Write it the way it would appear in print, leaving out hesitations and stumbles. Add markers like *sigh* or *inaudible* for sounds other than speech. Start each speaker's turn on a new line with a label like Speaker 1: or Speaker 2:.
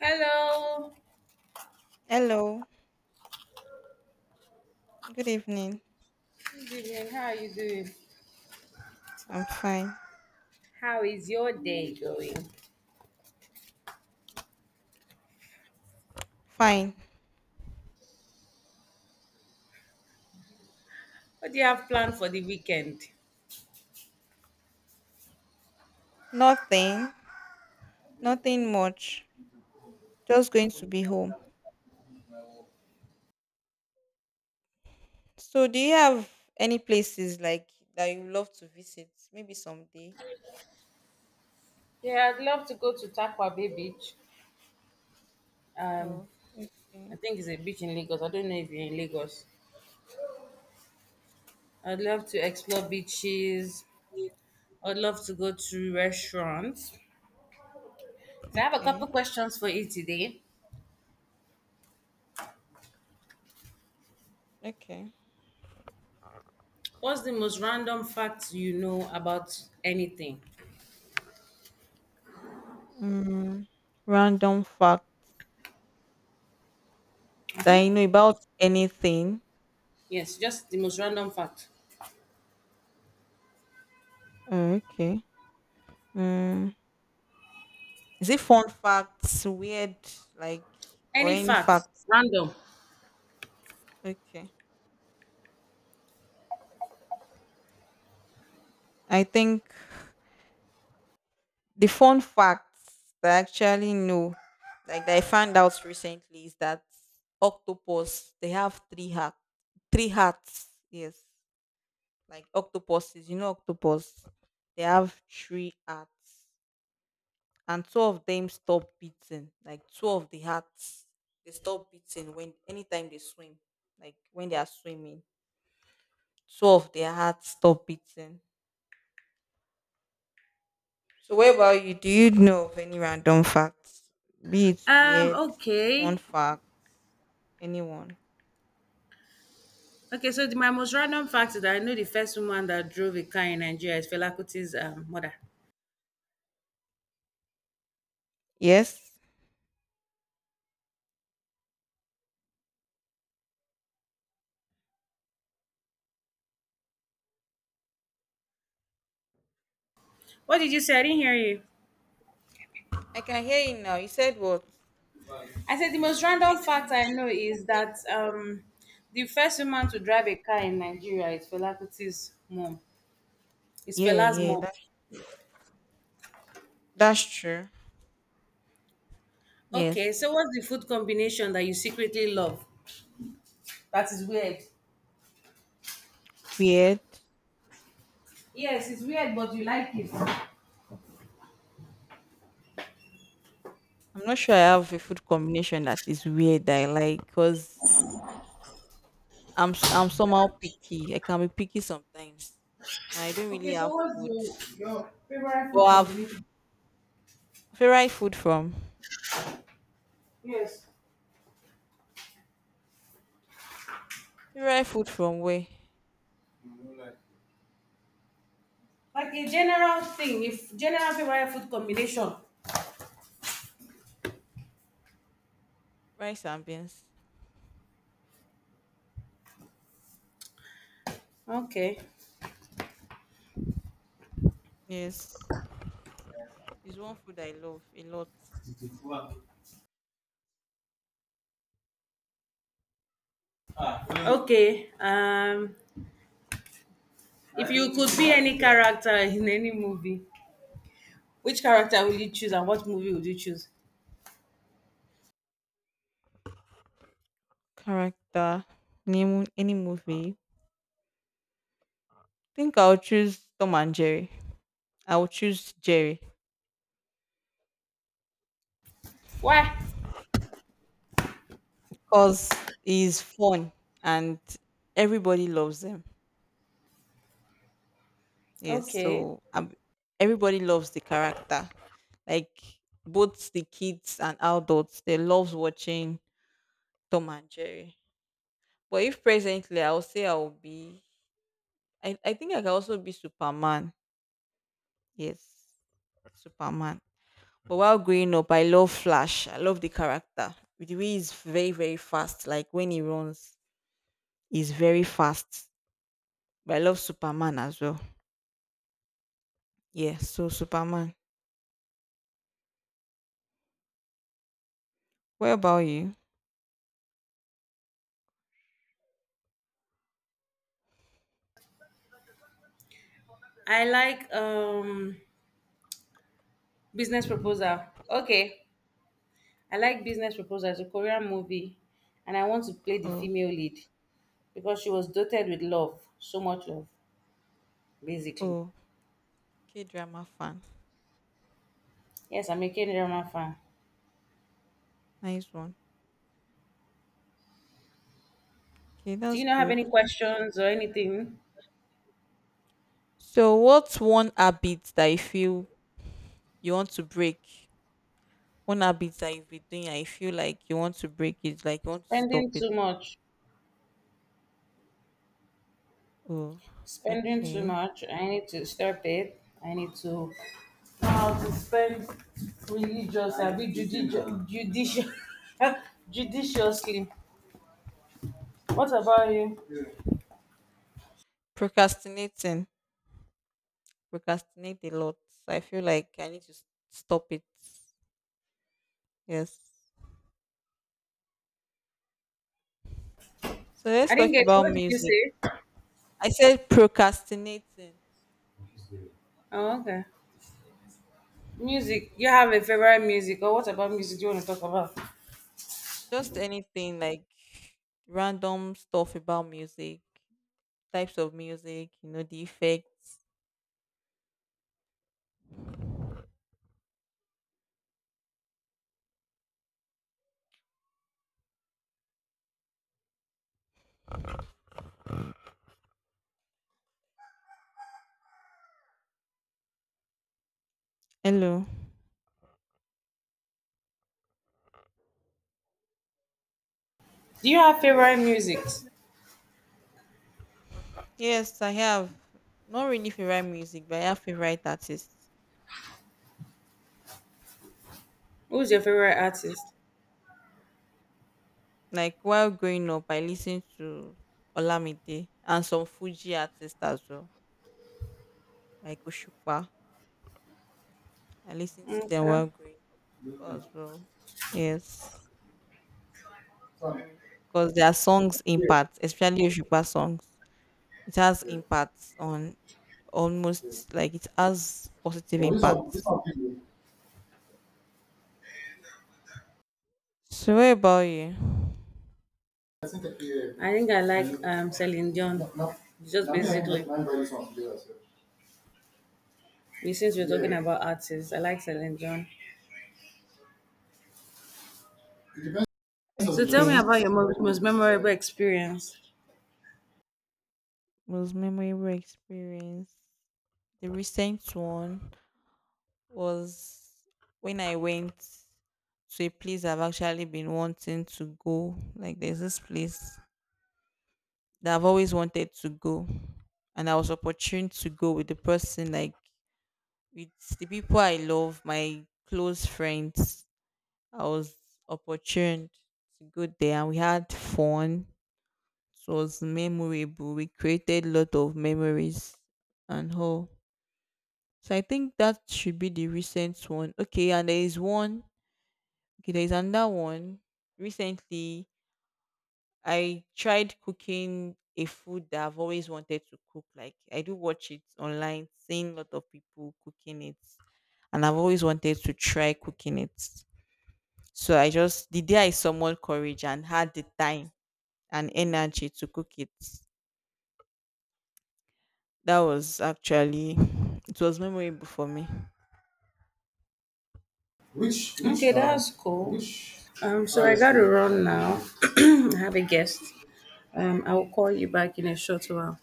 Speaker 1: Hello,
Speaker 2: Hello. Good evening.
Speaker 1: good evening. How are you doing?
Speaker 2: I'm fine.
Speaker 1: How is your day going?
Speaker 2: Fine.
Speaker 1: What do you have planned for the weekend?
Speaker 2: Nothing. Nothing much. Just going to be home. So, do you have any places like that you love to visit? Maybe someday.
Speaker 1: Yeah, I'd love to go to Takwa Bay Beach. Um,
Speaker 2: Oh,
Speaker 1: I
Speaker 2: okay.
Speaker 1: think it's a beach in Lagos. I don't know if you're in Lagos. I'd love to explore beaches. I'd love to go to restaurants. So I have a couple
Speaker 2: Okay.
Speaker 1: questions for you today.
Speaker 2: Okay.
Speaker 1: What's the most random fact you know about anything?
Speaker 2: Mm, random fact that you know about anything.
Speaker 1: Yes, just the most random fact.
Speaker 2: Oh, okay. Mm, is it fun facts, weird, like, or
Speaker 1: Any
Speaker 2: any
Speaker 1: fact,
Speaker 2: facts?
Speaker 1: random.
Speaker 2: Okay. I think the fun facts that I actually know, like that I found out recently, is that octopus they have three heart, three hearts. Yes, like octopuses. Octopus they have three hearts, and two of them stop beating. Like two of the hearts, they stop beating when anytime they swim. Like when they are swimming, two of their hearts stop beating. So, what about you? Do you know of any random facts? Be it
Speaker 1: Um,
Speaker 2: weird, fun
Speaker 1: okay.
Speaker 2: fact, anyone?
Speaker 1: Okay, so my most random fact is that I know the first woman that drove a car in Nigeria is Fela Kuti's mother.
Speaker 2: Yes.
Speaker 1: What did you say? I didn't hear you.
Speaker 2: I can hear you now. You said what?
Speaker 1: I said the most random fact I know is that the first woman to drive a car in Nigeria is Fela Kuti's mom. It's
Speaker 2: Yeah,
Speaker 1: Fela's
Speaker 2: yeah,
Speaker 1: mom.
Speaker 2: that's true.
Speaker 1: Okay,
Speaker 2: Yes.
Speaker 1: so what's the food combination that you secretly love? That is weird.
Speaker 2: Weird.
Speaker 1: Yes, it's weird, but you like it.
Speaker 2: I'm not sure I have a food combination that is weird that I like because I'm somehow picky. I can be picky sometimes. And I don't really
Speaker 1: Okay, so
Speaker 2: have
Speaker 1: what's
Speaker 2: food.
Speaker 1: your favorite
Speaker 2: But
Speaker 1: food
Speaker 2: I've
Speaker 1: combination?
Speaker 2: favorite food from
Speaker 1: Yes.
Speaker 2: favorite food from where?
Speaker 1: Like a general thing, if general favorite food combination.
Speaker 2: Rice and beans.
Speaker 1: Okay.
Speaker 2: Yes. It's one food I love a lot.
Speaker 1: Okay. If you could be any character in any movie, which character will you choose and what movie would you choose?
Speaker 2: Character. Name any movie. Think I'll choose Tom and Jerry. I'll choose Jerry
Speaker 1: Why?
Speaker 2: because he's fun and everybody loves him. Yes,
Speaker 1: Okay.
Speaker 2: everybody loves the character. Like both the kids and adults, they love watching Tom and Jerry. But if presently, I'll say I'll be. I think I can also be Superman. Yes, Superman. But while growing up, I love Flash. I love the character. The way he's very, very fast. Like when he runs, he's very fast. But I love Superman as well. Yeah, so Superman. What about you?
Speaker 1: I like business proposal. Okay. I like business proposal. It's a Korean movie, and I want to play the
Speaker 2: Oh,
Speaker 1: female lead because she was doted with love, so much love, basically.
Speaker 2: oh, K drama fan.
Speaker 1: Yes, I'm a K drama fan.
Speaker 2: Nice one. Okay,
Speaker 1: Do
Speaker 2: that's
Speaker 1: you not have
Speaker 2: good.
Speaker 1: any questions or anything?
Speaker 2: So, what's one habit that you feel you want to break? One habit that you've been doing, and you feel like you want to break it, like you want to
Speaker 1: Spending
Speaker 2: stop it.
Speaker 1: too much.
Speaker 2: Oh,
Speaker 1: Spending too
Speaker 2: okay.
Speaker 1: much. I need to stop it. I need to know how to spend religious and be judicious, judicious, *laughs* judiciously. What about you?
Speaker 2: Procrastinating. Procrastinate a lot. So I feel like I need to s- stop it. Yes. So let's
Speaker 1: I
Speaker 2: talk
Speaker 1: didn't get you.
Speaker 2: about
Speaker 1: What did you
Speaker 2: music.
Speaker 1: say?
Speaker 2: I said procrastinating.
Speaker 1: Oh, okay. Music. You have a favorite music, or what about music do you want to talk about?
Speaker 2: Just anything like random stuff about music, types of music, the effects. Hello.
Speaker 1: Do you have favorite music?
Speaker 2: Yes, I have not really favorite music, but I have favorite artists.
Speaker 1: Who's your favorite artist?
Speaker 2: Like while growing up, I listened to Olamide and some Fuji artists as well, like Oshukpa. I listened to them
Speaker 1: Okay.
Speaker 2: while growing up as well. Yes. So, because their songs
Speaker 1: Yeah.
Speaker 2: impact, especially Oshukpa songs. It has
Speaker 1: Yeah.
Speaker 2: impacts on
Speaker 1: Yeah.
Speaker 2: almost like it has positive impacts.
Speaker 1: Well,
Speaker 2: So what about you?
Speaker 1: I think I like Celine Dion. Just basically, we since we're talking about artists, I like Celine Dion. So tell me
Speaker 2: Okay.
Speaker 1: about your most memorable experience.
Speaker 2: Most memorable experience. The recent one was when I went to a place I've actually been wanting to go. Like there's this place that I've always wanted to go. And I was opportune to go with the person like with the people I love, my close friends. I was opportune to go there and we had fun. It was memorable. We created a lot of memories and all. So I think that should be the recent one. Okay, and there is one. Okay, there is another one. Recently, I tried cooking a food that I've always wanted to cook. Like I do watch it online, seeing a lot of people cooking it, and I've always wanted to try cooking it. So I just the day I summoned courage and had the time and energy to cook it, that was actually it was memorable for me.
Speaker 1: Okay, that's cool. So I got to run now. *clears throat* I have a guest. I will call you back in a short while.